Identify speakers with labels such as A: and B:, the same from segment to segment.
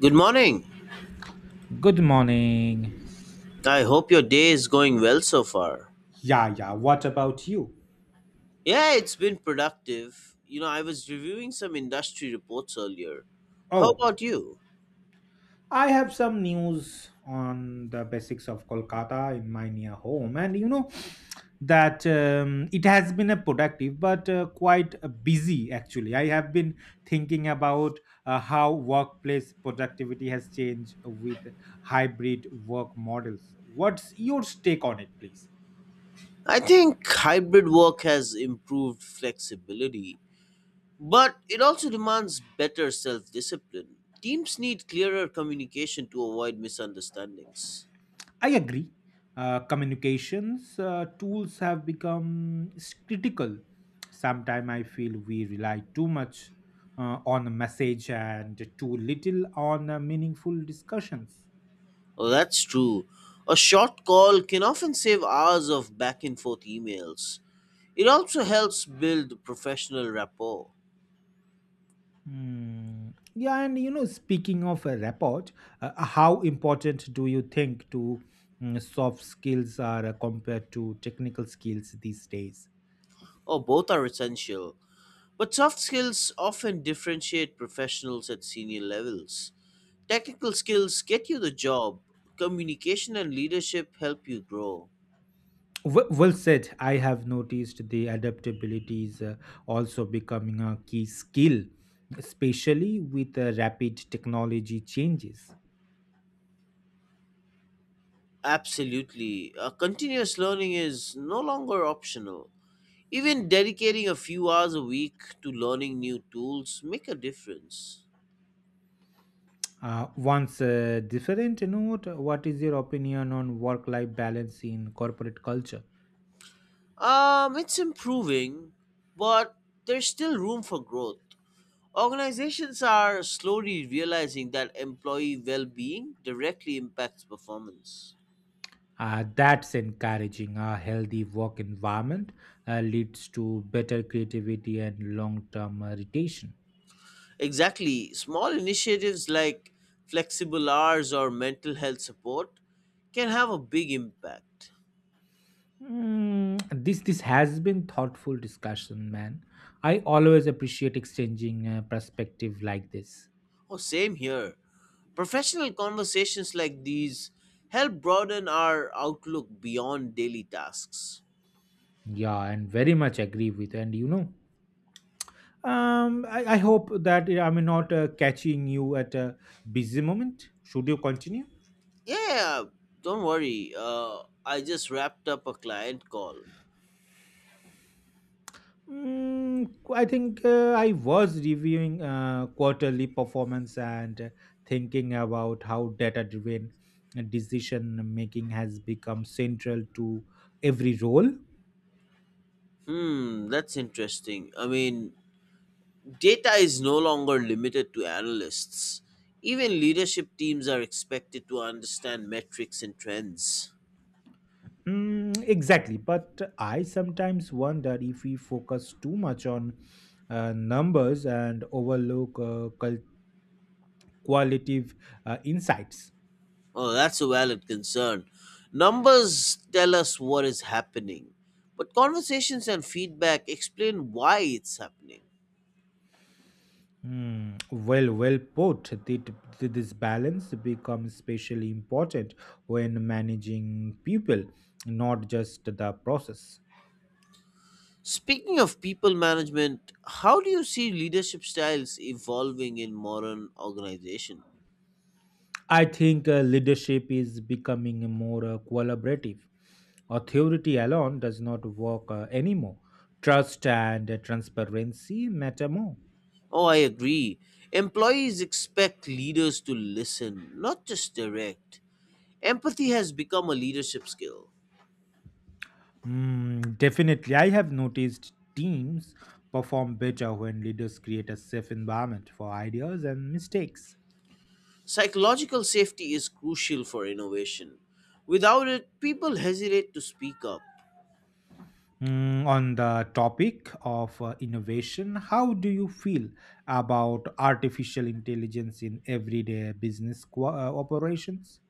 A: Good morning.
B: Good morning.
A: I hope your day is going well so far.
B: Yeah, yeah. What about you?
A: Yeah, it's been productive. You know, I was reviewing some industry reports earlier. How
B: Oh,
A: about you?
B: I have some news on the basics of Kolkata in my near home, and you know that it has been a productive but quite busy actually. I have been thinking about how workplace productivity has changed with hybrid work models. What's your take on it, please?
A: I think hybrid work has improved flexibility, but it also demands better self discipline. Teams need clearer communication to avoid misunderstandings.
B: I agree. Communications tools have become critical. Sometimes I feel we rely too much on a message and too little on meaningful discussions.
A: Oh, that's true. A short call can often save hours of back and forth emails. It also helps build professional rapport.
B: Hmm. Yeah, and speaking of a report, how important do you think to soft skills are compared to technical skills these days?
A: Oh, both are essential, but soft skills often differentiate professionals at senior levels. Technical skills get you the job, communication and leadership help you grow.
B: Well said. I have noticed the adaptability is also becoming a key skill, especially with rapid technology changes.
A: Absolutely. Continuous learning is no longer optional. Even dedicating a few hours a week to learning new tools make a difference.
B: Once different note, what is your opinion on work-life balance in corporate culture?
A: It's improving, but there's still room for growth. Organizations are slowly realizing that employee well being directly impacts performance.
B: That's encouraging. A healthy work environment leads to better creativity and long-term retention.
A: Exactly. Small initiatives like flexible hours or mental health support can have a big impact.
B: This has been thoughtful discussion, man. I always appreciate exchanging perspective like this.
A: Oh, same here. Professional conversations like these help broaden our outlook beyond daily tasks.
B: Yeah, and very much agree with. And I hope that I'm not catching you at a busy moment. Should you continue?
A: Yeah, don't worry. I just wrapped up a client call.
B: I think I was reviewing quarterly performance and thinking about how data-driven decision making has become central to every role.
A: Hmm, that's interesting. I mean, data is no longer limited to analysts. Even leadership teams are expected to understand metrics and trends.
B: Mm, exactly. But I sometimes wonder if we focus too much on numbers and overlook qualitative insights.
A: Oh, that's a valid concern. Numbers tell us what is happening, but conversations and feedback explain why it's happening.
B: Well put. This balance becomes especially important when managing people, not just the process.
A: Speaking of people management, how do you see leadership styles evolving in modern organization?
B: I think leadership is becoming more collaborative. Authority alone does not work anymore. Trust and transparency matter more.
A: Oh, I agree. Employees expect leaders to listen, not just direct. Empathy has become a leadership skill.
B: Definitely, I have noticed teams perform better when leaders create a safe environment for ideas and mistakes.
A: Psychological safety is crucial for innovation. Without it, people hesitate to speak up.
B: On the topic of innovation, how do you feel about artificial intelligence in everyday business operations?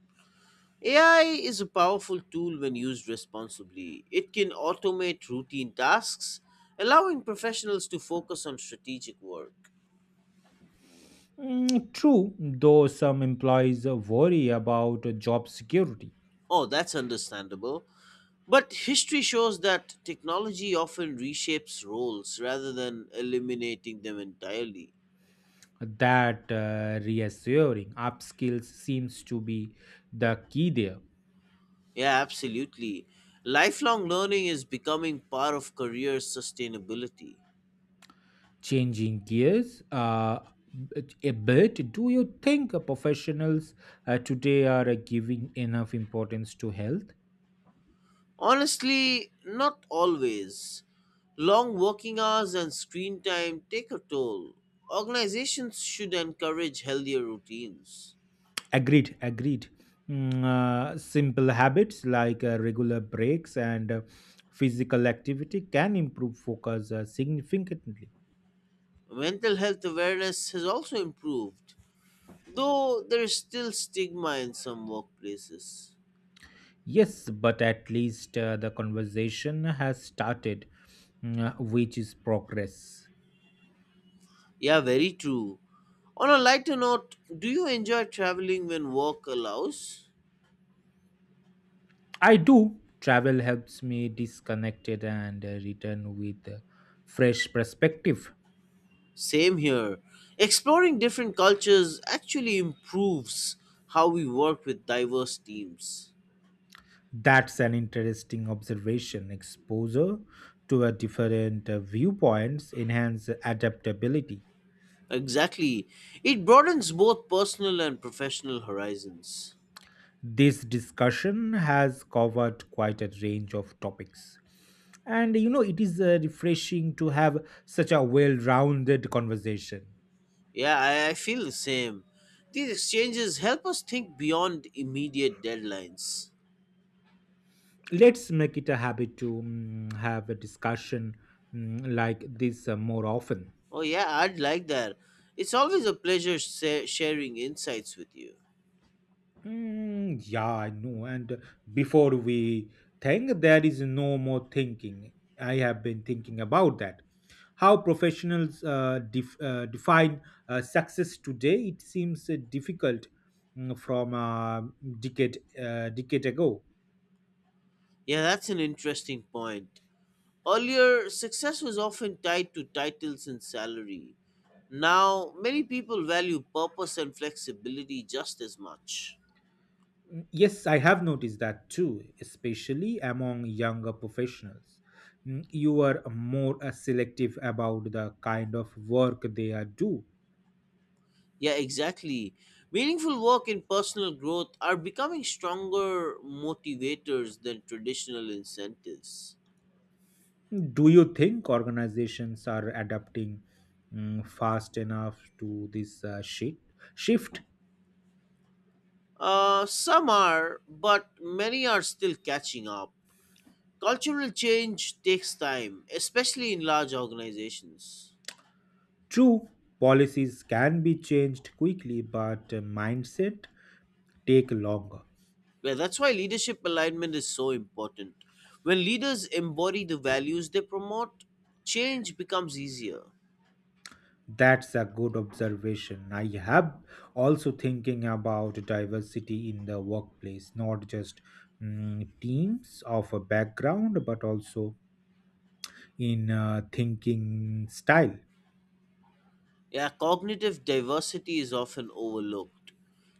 A: AI is a powerful tool when used responsibly. It can automate routine tasks, allowing professionals to focus on strategic work.
B: Mm, true, though some employees worry about job security.
A: Oh, that's understandable. But history shows that technology often reshapes roles rather than eliminating them entirely.
B: That reassuring upskills seems to be the key there.
A: Yeah, absolutely. Lifelong learning is becoming part of career sustainability.
B: Changing gears a bit, do you think professionals today are giving enough importance to health?
A: Honestly, not always. Long working hours and screen time take a toll. Organizations should encourage healthier routines.
B: Agreed, agreed. Simple habits like regular breaks and physical activity can improve focus significantly.
A: Mental health awareness has also improved, though there is still stigma in some workplaces.
B: Yes, but at least the conversation has started, which is progress.
A: Yeah, very true. On a lighter note, do you enjoy traveling when work allows?
B: I do. Travel helps me disconnected and return with a fresh perspective.
A: Same here. Exploring different cultures actually improves how we work with diverse teams.
B: That's an interesting observation. Exposure to a different viewpoints enhance adaptability.
A: Exactly. It broadens both personal and professional horizons.
B: This discussion has covered quite a range of topics. And it is refreshing to have such a well rounded conversation.
A: Yeah, I feel the same. These exchanges help us think beyond immediate deadlines.
B: Let's make it a habit to have a discussion like this more often.
A: Oh, yeah, I'd like that. It's always a pleasure sharing insights with you.
B: Mm, yeah, I know. And before we think, there is no more thinking. I have been thinking about that. How professionals define success today, it seems difficult from a decade ago.
A: Yeah, that's an interesting point. Earlier, success was often tied to titles and salary. Now, many people value purpose and flexibility just as much.
B: Mm, yes, I have noticed that too, especially among younger professionals. You are more selective about the kind of work they are do.
A: Yeah, exactly. Meaningful work and personal growth are becoming stronger motivators than traditional incentives.
B: Do you think organizations are adapting fast enough to this shift?
A: Some are, but many are still catching up. Cultural change takes time, especially in large organizations.
B: True, policies can be changed quickly, but mindset take longer.
A: Yeah, that's why leadership alignment is so important. When leaders embody the values they promote, change becomes easier.
B: That's a good observation. I have also thinking about diversity in the workplace, not just teams of a background, but also in thinking style.
A: Yeah, cognitive diversity is often overlooked.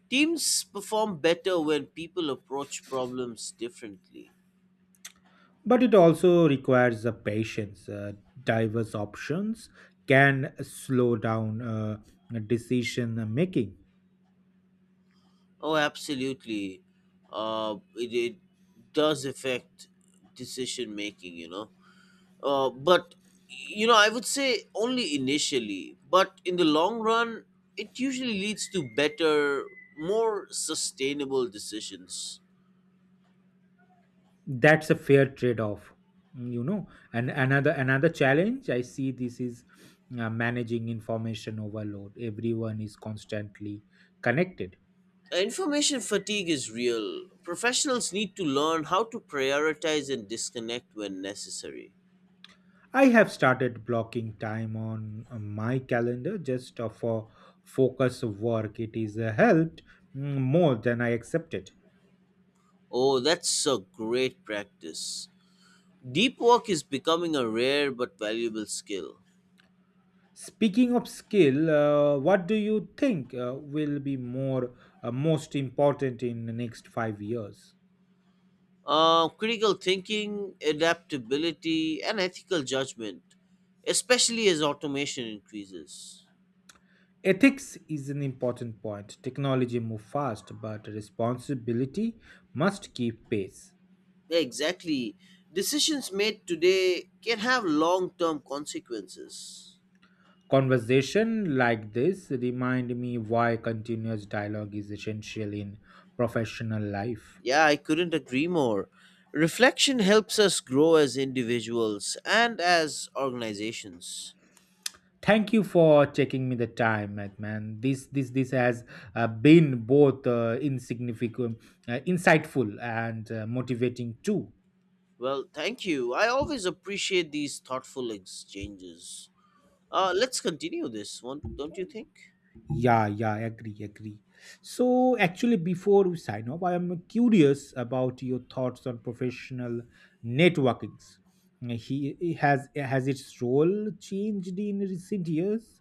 A: Teams perform better when people approach problems differently.
B: But it also requires a patience, diverse options can slow down decision making.
A: Oh, absolutely. It does affect decision making, you know. But you know, I would say only initially, but in the long run, it usually leads to better, more sustainable decisions.
B: That's a fair trade off. You know and another challenge I see this is managing information overload. Everyone is constantly connected.
A: Information fatigue is real. Professionals need to learn how to prioritize and disconnect when necessary.
B: I have started blocking time on my calendar just for focus work. It is helped more than I accepted.
A: Oh, that's a great practice. Deep work is becoming a rare but valuable skill.
B: Speaking of skill, what do you think will be more most important in the next 5 years?
A: Critical thinking, adaptability, and ethical judgment, especially as automation increases.
B: Ethics is an important point. Technology move fast, but responsibility must keep pace.
A: Exactly. Decisions made today can have long term consequences.
B: Conversation like this remind me why continuous dialogue is essential in professional life.
A: Yeah, I couldn't agree more. Reflection helps us grow as individuals and as organizations.
B: Thank you for checking me the time, man. This has been both insignificant insightful and motivating too.
A: Well, thank you. I always appreciate these thoughtful exchanges. Let's continue this one, don't you think?
B: Yeah, yeah, agree, agree. So actually, before we sign off, I am curious about your thoughts on professional networkings. He Has its role changed in recent years?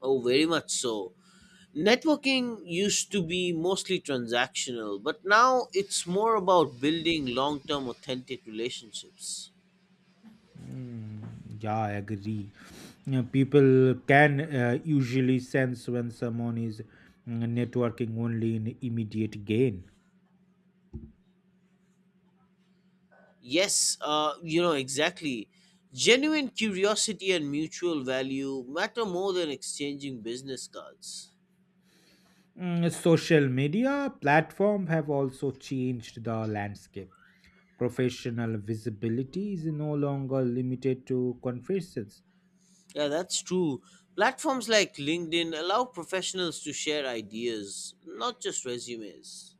A: Oh, very much so. Networking used to be mostly transactional, but now it's more about building long term authentic relationships.
B: Mm, yeah, I agree. You people can usually sense when someone is networking only in immediate gain.
A: Yes, you know, exactly. Genuine curiosity and mutual value matter more than exchanging business cards.
B: Social media platform have also changed the landscape. Professional visibility is no longer limited to conferences.
A: Yeah, that's true. Platforms like LinkedIn allow professionals to share ideas, not just resumes.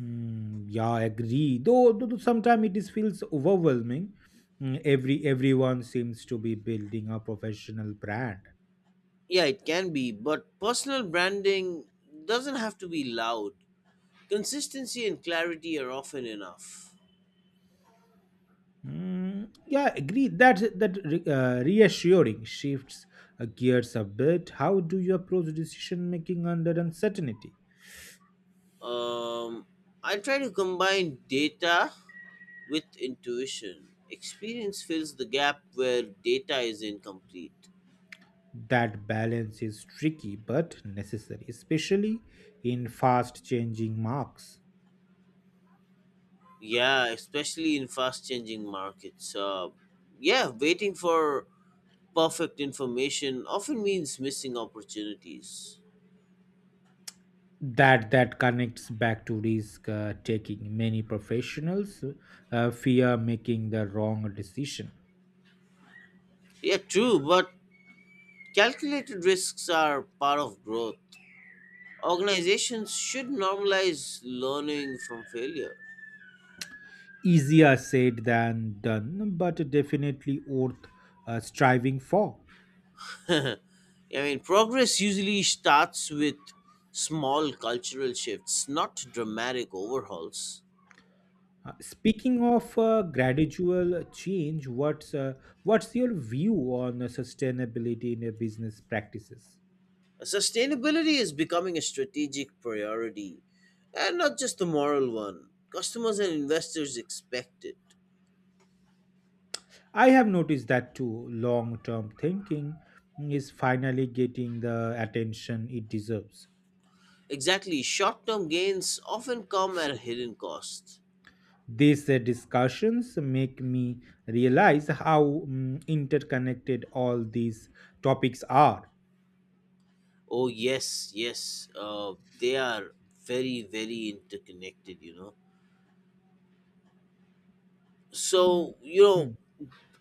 B: Mm, yeah, I agree. Though sometimes it is feels overwhelming. Everyone seems to be building a professional brand.
A: Yeah, it can be, but personal branding doesn't have to be loud. Consistency and clarity are often enough.
B: Mm, yeah, agreed. That reassuring shifts gears a bit. How do you approach decision making under uncertainty?
A: Um, I try to combine data with intuition. Experience fills the gap where data is incomplete.
B: That balance is tricky but necessary, especially in fast changing marks.
A: Yeah, especially in fast changing markets. Yeah, waiting for perfect information often means missing opportunities.
B: That connects back to risk taking. Many professionals fear making the wrong decision.
A: Yeah, true, but calculated risks are part of growth. Organizations should normalize learning from failure.
B: Easier said than done, but definitely worth striving for.
A: I mean, progress usually starts with small cultural shifts, not dramatic overhauls.
B: Speaking of gradual change, what's your view on sustainability in your business practices?
A: Sustainability is becoming a strategic priority, and not just a moral one. Customers and investors expect it.
B: I have noticed that too. Long-term thinking is finally getting the attention it deserves.
A: Exactly, short term gains often come at a hidden cost.
B: These discussions make me realize how interconnected all these topics are.
A: Oh, yes, yes, they are very, very interconnected, you know.
B: Mm.
A: So, you know,
B: Hmm.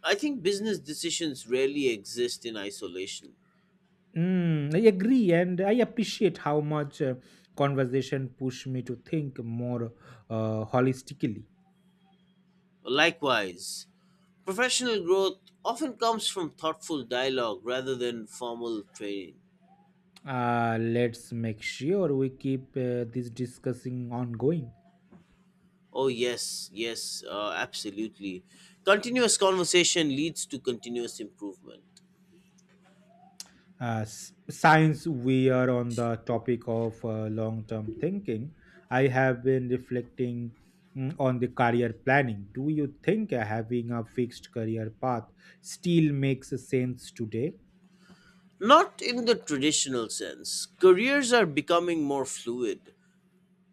A: I think business decisions rarely exist in isolation.
B: I agree, and I appreciate how much conversation pushed me to think more holistically.
A: Likewise, professional growth often comes from thoughtful dialogue rather than formal training.
B: Let's make sure we keep this discussing ongoing.
A: Oh, yes, yes, absolutely. Continuous conversation leads to continuous improvement.
B: Since we are on the topic of long-term thinking, I have been reflecting on the career planning. Do you think having a fixed career path still makes sense today?
A: Not in the traditional sense. Careers are becoming more fluid.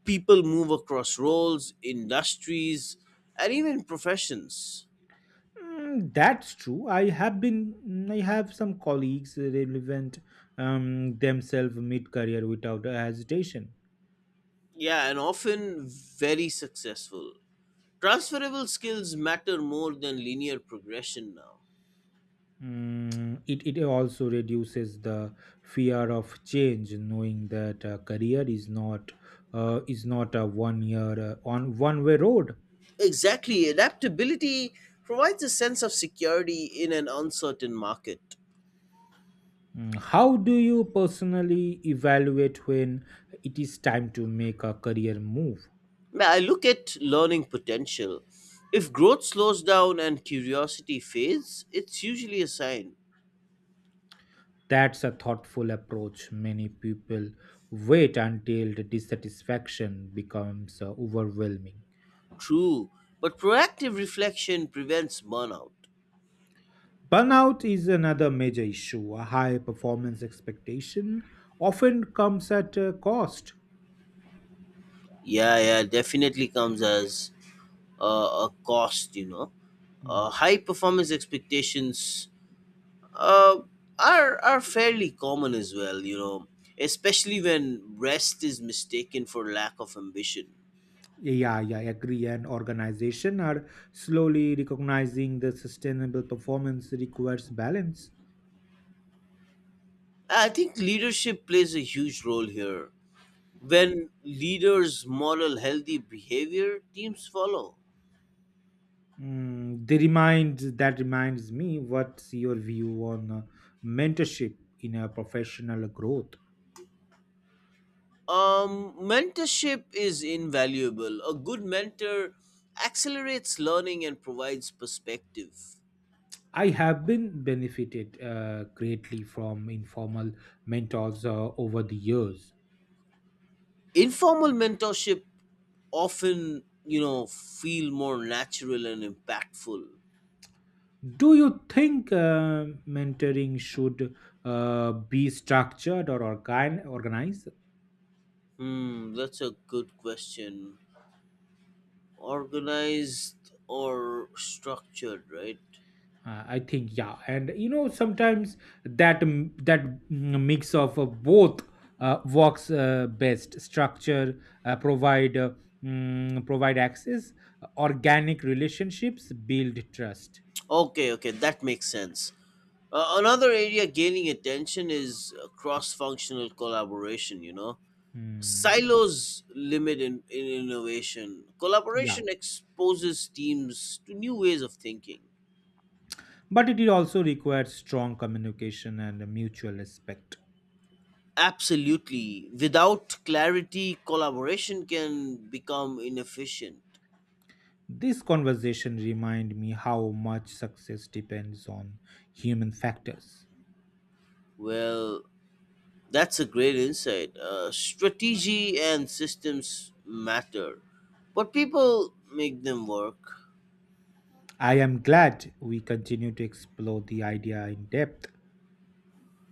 A: People move across roles, industries, and even professions.
B: Mm, that's true. I have some colleagues relevant themselves mid-career without hesitation.
A: Yeah, and often very successful. Transferable skills matter more than linear progression now.
B: It also reduces the fear of change, knowing that a career is not a one-year on one-way road.
A: Exactly. Adaptability provides a sense of security in an uncertain market.
B: How do you personally evaluate when it is time to make a career move?
A: Now, I look at learning potential. If growth slows down and curiosity fades, it's usually a sign.
B: That's a thoughtful approach. Many people wait until the dissatisfaction becomes overwhelming.
A: True, but proactive reflection prevents burnout.
B: Burnout is another major issue. A high performance expectation often comes at a cost.
A: Yeah, yeah, definitely comes as a cost, you know.
B: Hmm.
A: High performance expectations uh, are fairly common as well. You know, especially when rest is mistaken for lack of ambition.
B: Yeah, yeah, I agree. And organization are slowly recognizing the sustainable performance requires balance.
A: I think leadership plays a huge role here. When leaders model healthy behavior, teams follow.
B: Mm, they remind that reminds me what's your view on mentorship in a professional growth?
A: Mentorship is invaluable. A good mentor accelerates learning and provides perspective.
B: I have been benefited greatly from informal mentors over the years.
A: Informal mentorship often, you know, feel more natural and impactful.
B: Do you think mentoring should be structured or organized?
A: Hmm, that's a good question. Organized or structured, right?
B: I think yeah, and sometimes that mix of both works best. Structure provide access, organic relationships build trust.
A: Okay, okay, that makes sense. Another area gaining attention is cross-functional collaboration, you know.
B: Hmm.
A: Silos limit in innovation.
B: Yeah.
A: Collaboration exposes teams to new ways of thinking.
B: But it also requires strong communication and mutual respect.
A: Absolutely. Without clarity, collaboration can become inefficient.
B: This conversation reminded me how much success depends on human factors.
A: Well, that's a great insight. Strategy and systems matter, but people make them work.
B: I am glad we continue to explore the idea in depth.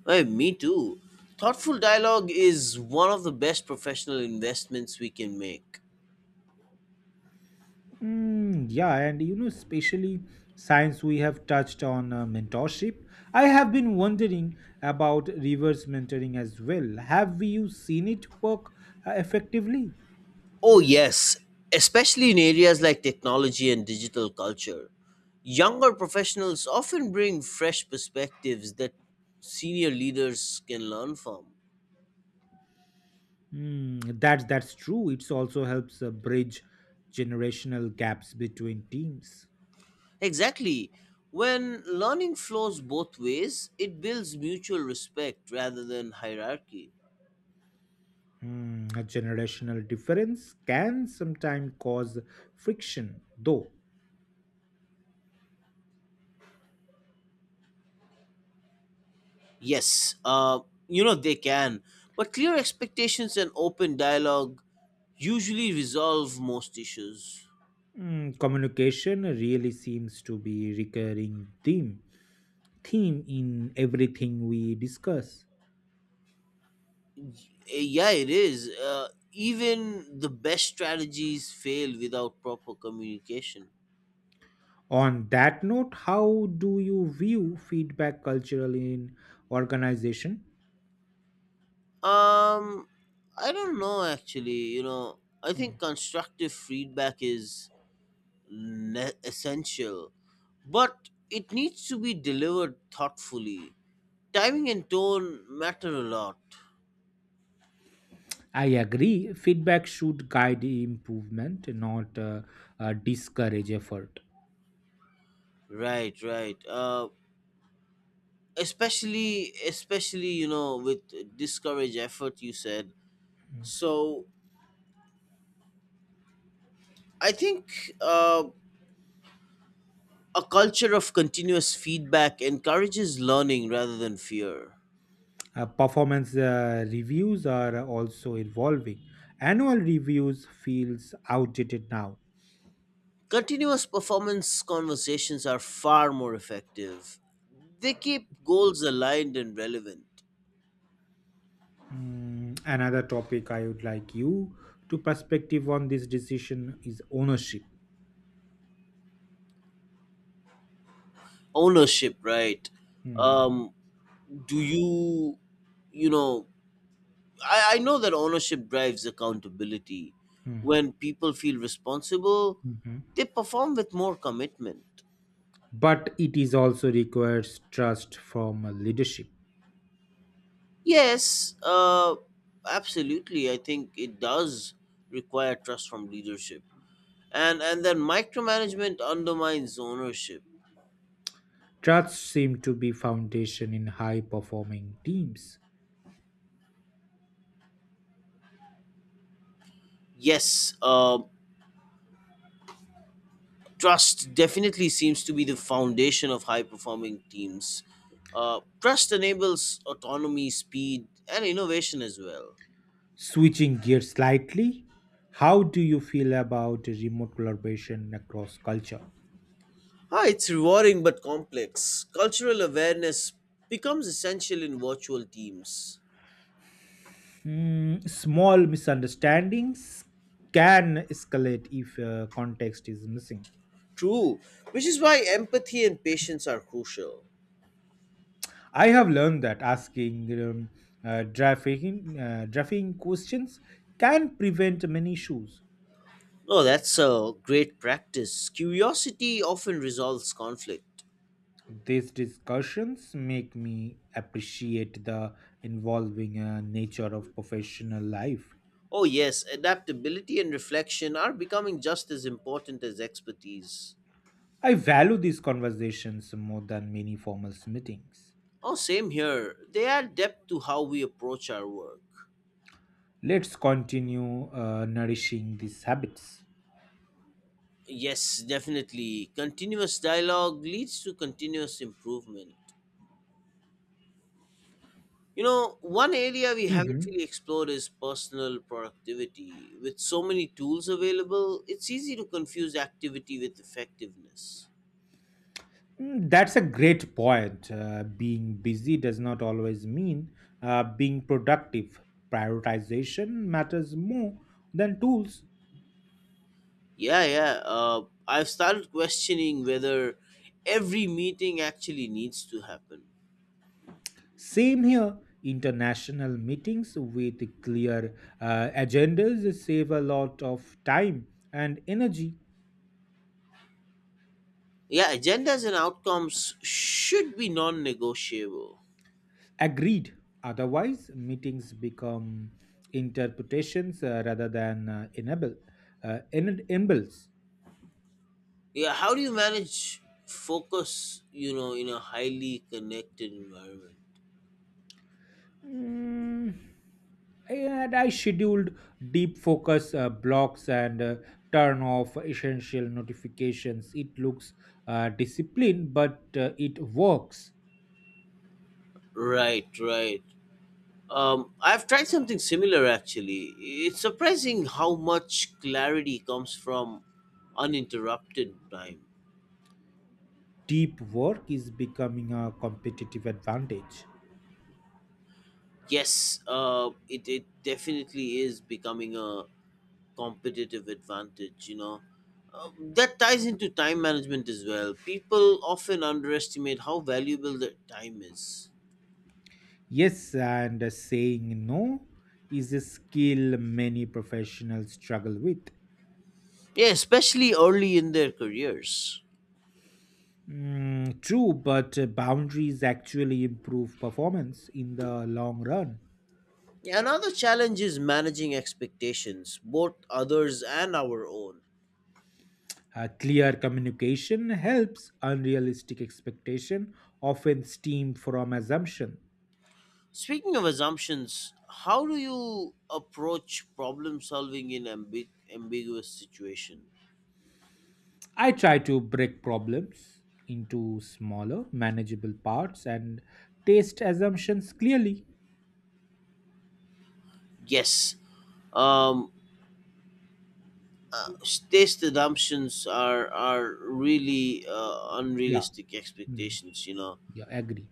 A: Hey, me too. Thoughtful dialogue is one of the best professional investments we can make.
B: Mm, yeah, and especially since we have touched on mentorship, I have been wondering about reverse mentoring as well. Have you seen it work effectively?
A: Oh, yes, especially in areas like technology and digital culture. Younger professionals often bring fresh perspectives that senior leaders can learn from.
B: Mm, that's true. It also helps bridge generational gaps between teams.
A: Exactly. When learning flows both ways, it builds mutual respect rather than hierarchy.
B: A generational difference can sometimes cause friction, though.
A: Yes, you know they can, but clear expectations and open dialogue usually resolve most issues.
B: Communication really seems to be recurring theme in everything we discuss.
A: Yeah, it is. Even the best strategies fail without proper communication.
B: On that note, how do you view feedback cultural in organization?
A: Um, I don't know actually. You know, I think
B: Hmm.
A: constructive feedback is essential, but it needs to be delivered thoughtfully. Timing and tone matter a lot.
B: I agree. Feedback should guide improvement, not discourage effort.
A: Right, right. Especially, especially you know, with discourage effort, you said. So I think a culture of continuous feedback encourages learning rather than fear.
B: Performance reviews are also evolving. Annual reviews feels outdated now.
A: Continuous performance conversations are far more effective. They keep goals aligned and relevant.
B: Another topic I would like you to perspective on this decision is ownership.
A: Ownership right
B: Mm,
A: um do you you know I know that ownership drives accountability
B: mm,
A: when people feel responsible
B: mhm.
A: they perform with more commitment.
B: But it is also requires trust from leadership.
A: Yes, absolutely, I think it does require trust from leadership, and then micromanagement undermines ownership.
B: Trust seem to be foundation in high performing teams.
A: Yes, trust definitely seems to be the foundation of high performing teams. Trust enables autonomy, speed, and innovation as well.
B: Switching gears slightly, how do you feel about remote collaboration across culture?
A: Ah, it's rewarding but complex. Cultural awareness becomes essential in virtual teams.
B: Small misunderstandings can escalate if context is missing.
A: True, which is why empathy and patience are crucial.
B: I have learned that drafting questions can prevent many issues.
A: No, that's a great practice. Curiosity often resolves conflict.
B: These discussions make me appreciate the involving nature of professional life.
A: Oh, yes, adaptability and reflection are becoming just as important as expertise.
B: I value these conversations more than many formal meetings.
A: Oh, same here. They add depth to how we approach our work.
B: Let's continue nourishing these habits.
A: Yes, definitely. Continuous dialogue leads to continuous improvement. You know, one area we haven't
B: Hmm.
A: really explored is personal productivity. With so many tools available, it's easy to confuse activity with effectiveness.
B: That's a great point. Being busy does not always mean being productive. Prioritization matters more than tools.
A: Yeah, yeah. I've started questioning whether every meeting actually needs to happen.
B: Same here. International meetings with clear agendas save a lot of time and energy.
A: Yeah, agendas and outcomes should be non negotiable.
B: Agreed. Otherwise, meetings become interpretations rather than enables.
A: Yeah, how do you manage focus, you know, in a highly connected environment?
B: Mm, and I scheduled deep focus blocks and turn off essential notifications. It looks disciplined, but it works.
A: Right, right. I've tried something similar actually. It's surprising how much clarity comes from uninterrupted time.
B: Deep work is becoming a competitive advantage.
A: Yes, it definitely is becoming a competitive advantage, you know. That ties into time management as well. People often underestimate how valuable their time is.
B: Yes, and saying no is a skill many professionals struggle with.
A: Yeah, especially early in their careers.
B: Mm, true, but boundaries actually improve performance in the long run.
A: Yeah, another challenge is managing expectations, both others and our own.
B: Clear communication helps unrealistic expectation often stem from assumption.
A: Speaking of assumptions, how do you approach problem solving in ambiguous situation?
B: I try to break problems into smaller, manageable parts and test assumptions clearly.
A: Yes, um, uh, taste assumptions are really
B: Yeah,
A: unrealistic
B: mm,
A: expectations. You know,
B: yeah, agree.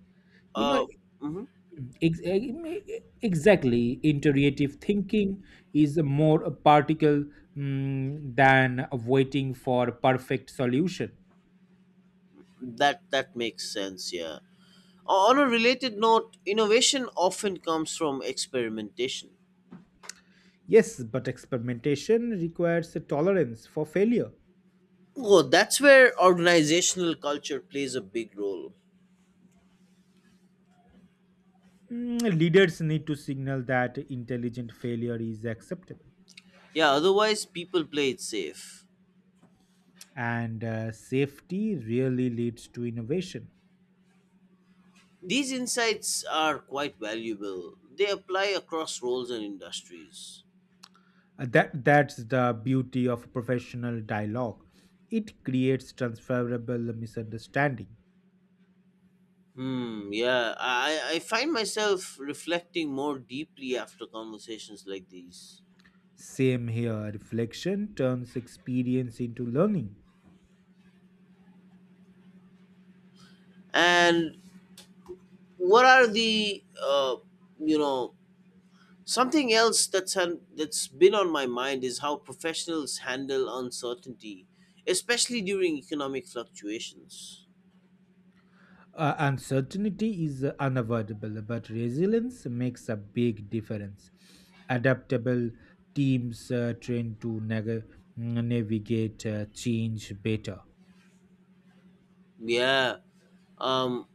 B: You know,
A: uh, mhm.
B: Ex- Exactly. Iterative thinking is more a particle than waiting for perfect solution.
A: That that makes sense. Yeah, on a related note, innovation often comes from experimentation.
B: Yes, but experimentation requires a tolerance for failure.
A: Oh, that's where organizational culture plays a big role.
B: Leaders need to signal that intelligent failure is acceptable,
A: Yeah, otherwise, people play it safe.
B: and safety really leads to innovation.
A: These insights are quite valuable. They apply across roles and industries.
B: That's the beauty of professional dialogue. It creates transferable misunderstanding.
A: Hmm, yeah, I find myself reflecting more deeply after conversations like these.
B: Same here, reflection turns experience into learning.
A: And what are the, you know, something else that's that's been on my mind is how professionals handle uncertainty, especially during economic fluctuations.
B: Uncertainty is unavoidable, but resilience makes a big difference. Adaptable teams train to navigate change better.
A: Yeah, um,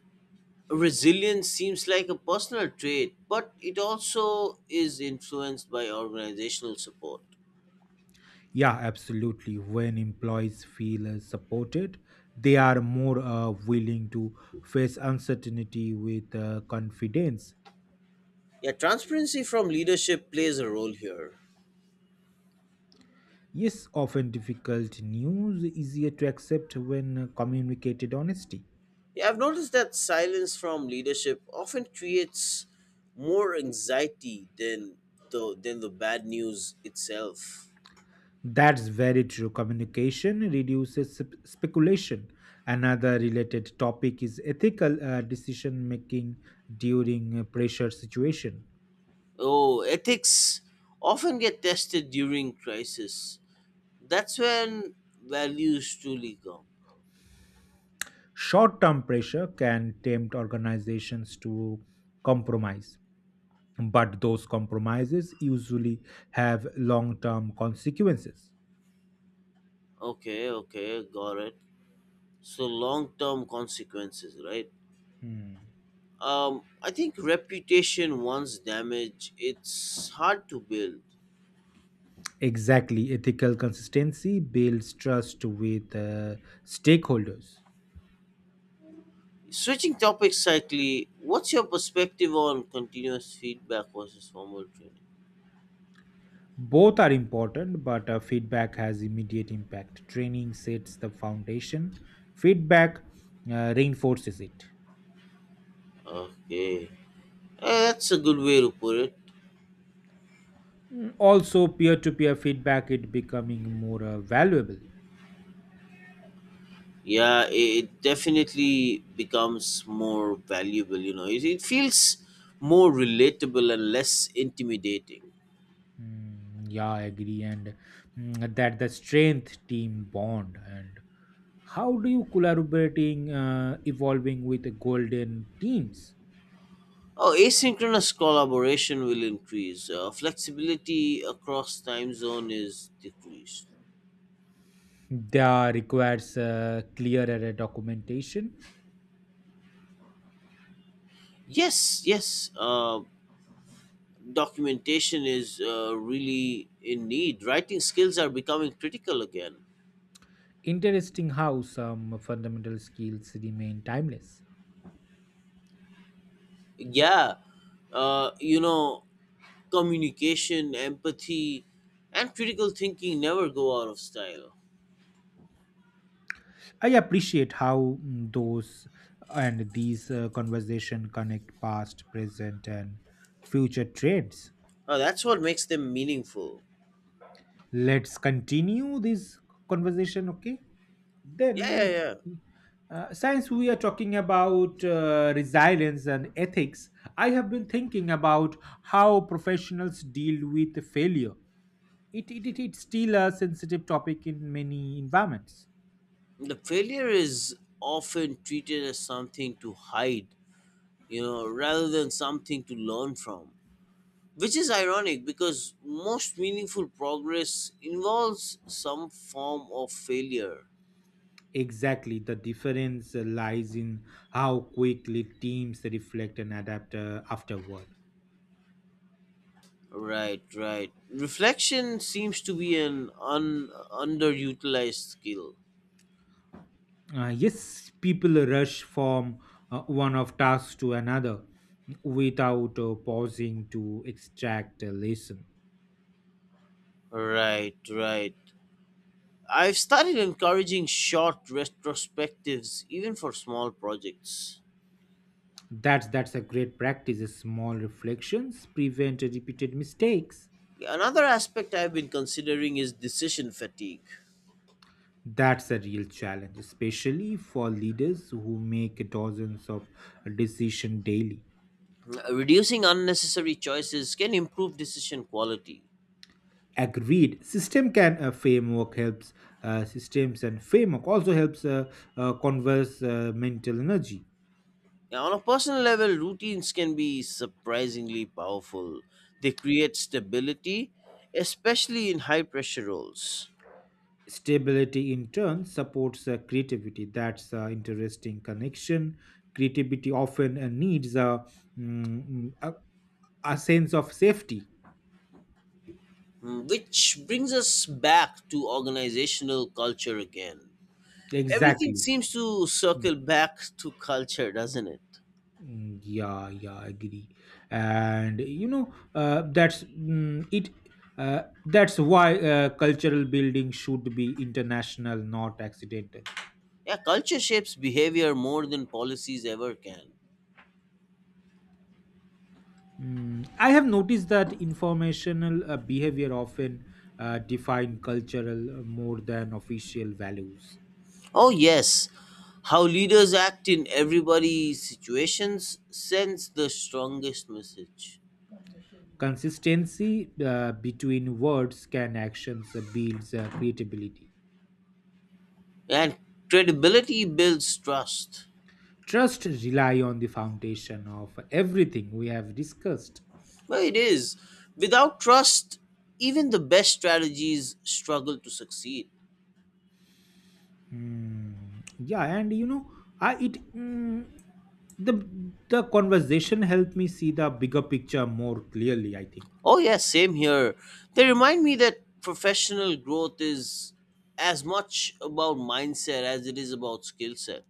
A: resilience seems like a personal trait, but it also is influenced by organizational support.
B: Yeah, absolutely. When employees feel supported, they are more willing to face uncertainty with confidence.
A: Yeah, transparency from leadership plays a role here.
B: Yes, often difficult news easier to accept when communicated honestly.
A: Yeah, I've noticed that silence from leadership often creates more anxiety than the bad news itself.
B: That's very true. Communication reduces speculation. Another related topic is ethical decision making during pressure situation.
A: Oh, ethics often get tested during crisis. That's when values truly come.
B: Short-term pressure can tempt organizations to compromise, but those compromises usually have long-term consequences.
A: Okay, okay, got it. So long-term consequences, right?
B: Hmm.
A: I think reputation once damaged, it's hard to build.
B: Exactly. Ethical consistency builds trust with stakeholders.
A: Switching topics slightly, what's your perspective on continuous feedback versus formal training?
B: Both are important, but feedback has immediate impact. Training sets the foundation, feedback reinforces it.
A: Okay, eh, that's a good way to put it.
B: Also, peer to peer feedback it becoming more valuable.
A: Yeah, it definitely becomes more valuable, you know, it feels more relatable and less intimidating.
B: Mm, yeah, I agree. And that the strength team bond. And how do you collaborating evolving with golden teams?
A: Oh, asynchronous collaboration will increase flexibility across time zone is decreased.
B: That requires clearer documentation.
A: Yes, yes, documentation is really in need. Writing skills are becoming critical again.
B: Interesting how some fundamental skills remain timeless.
A: Yeah, you know, communication, empathy, and critical thinking never go out of style.
B: I appreciate how those and these conversation connect past, present, and future trends.
A: That's what makes them meaningful.
B: Let's continue this conversation, okay?
A: Yeah, yeah,
B: Then,
A: yeah.
B: since we are talking about resilience and ethics, I have been thinking about how professionals deal with failure. It's still a sensitive topic in many environments.
A: The failure is often treated as something to hide, you know, rather than something to learn from. Which is ironic because most meaningful progress involves some form of failure.
B: Exactly. The difference lies in how quickly teams reflect and adapt afterward.
A: Right, right. Reflection seems to be an underutilized skill.
B: Yes, people rush from one of tasks to another without pausing to extract a lesson.
A: Right, right. I've started encouraging short retrospectives even for small projects.
B: That's a great practice. Small reflections prevent repeated mistakes.
A: Another aspect I've been considering is decision fatigue.
B: That's a real challenge, especially for leaders who make dozens of decisions daily.
A: Reducing unnecessary choices can improve decision quality.
B: Agreed. System can, framework helps, systems and framework also helps, converse mental energy.
A: Now, on a personal level, routines can be surprisingly powerful. They create stability, especially in high pressure roles.
B: Stability in turn supports creativity. That's interesting connection. Creativity often needs a, mm, mm, a sense of safety.
A: Mm, which brings us back to organizational culture again. Everything
B: Exactly.
A: seems to
B: Hmm.
A: circle back to culture, doesn't it?
B: Mm, yeah, yeah, agree. And that's it. That's why cultural building should be international, not accidental.
A: Yeah, culture shapes behavior more than policies ever can.
B: I have noticed that informational behavior often define cultural more than official values.
A: Oh, yes. How leaders act in everybody's situations sends the strongest message.
B: Consistency between words can actions builds creativity.
A: And credibility builds trust.
B: Trust rely on the foundation of everything we have discussed.
A: Well, it is. Without trust, even the best strategies struggle to succeed.
B: Mm, yeah, and I it mm, the the conversation helped me see the bigger picture more clearly, I think.
A: Oh, yes, same here. They remind me that professional growth is as much about mindset as it is about skill set.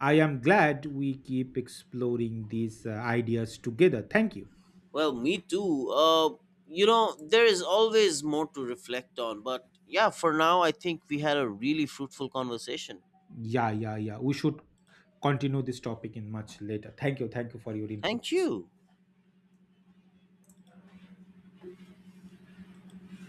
B: I am glad we keep exploring these ideas together. Thank you.
A: Well, me too. You know, there is always more to reflect on, but yeah, for now, I think we had a really fruitful conversation.
B: Yeah, yeah, yeah. We should continue this topic in much later. Thank you. Thank you for your
A: Thank
B: inputs.
A: you.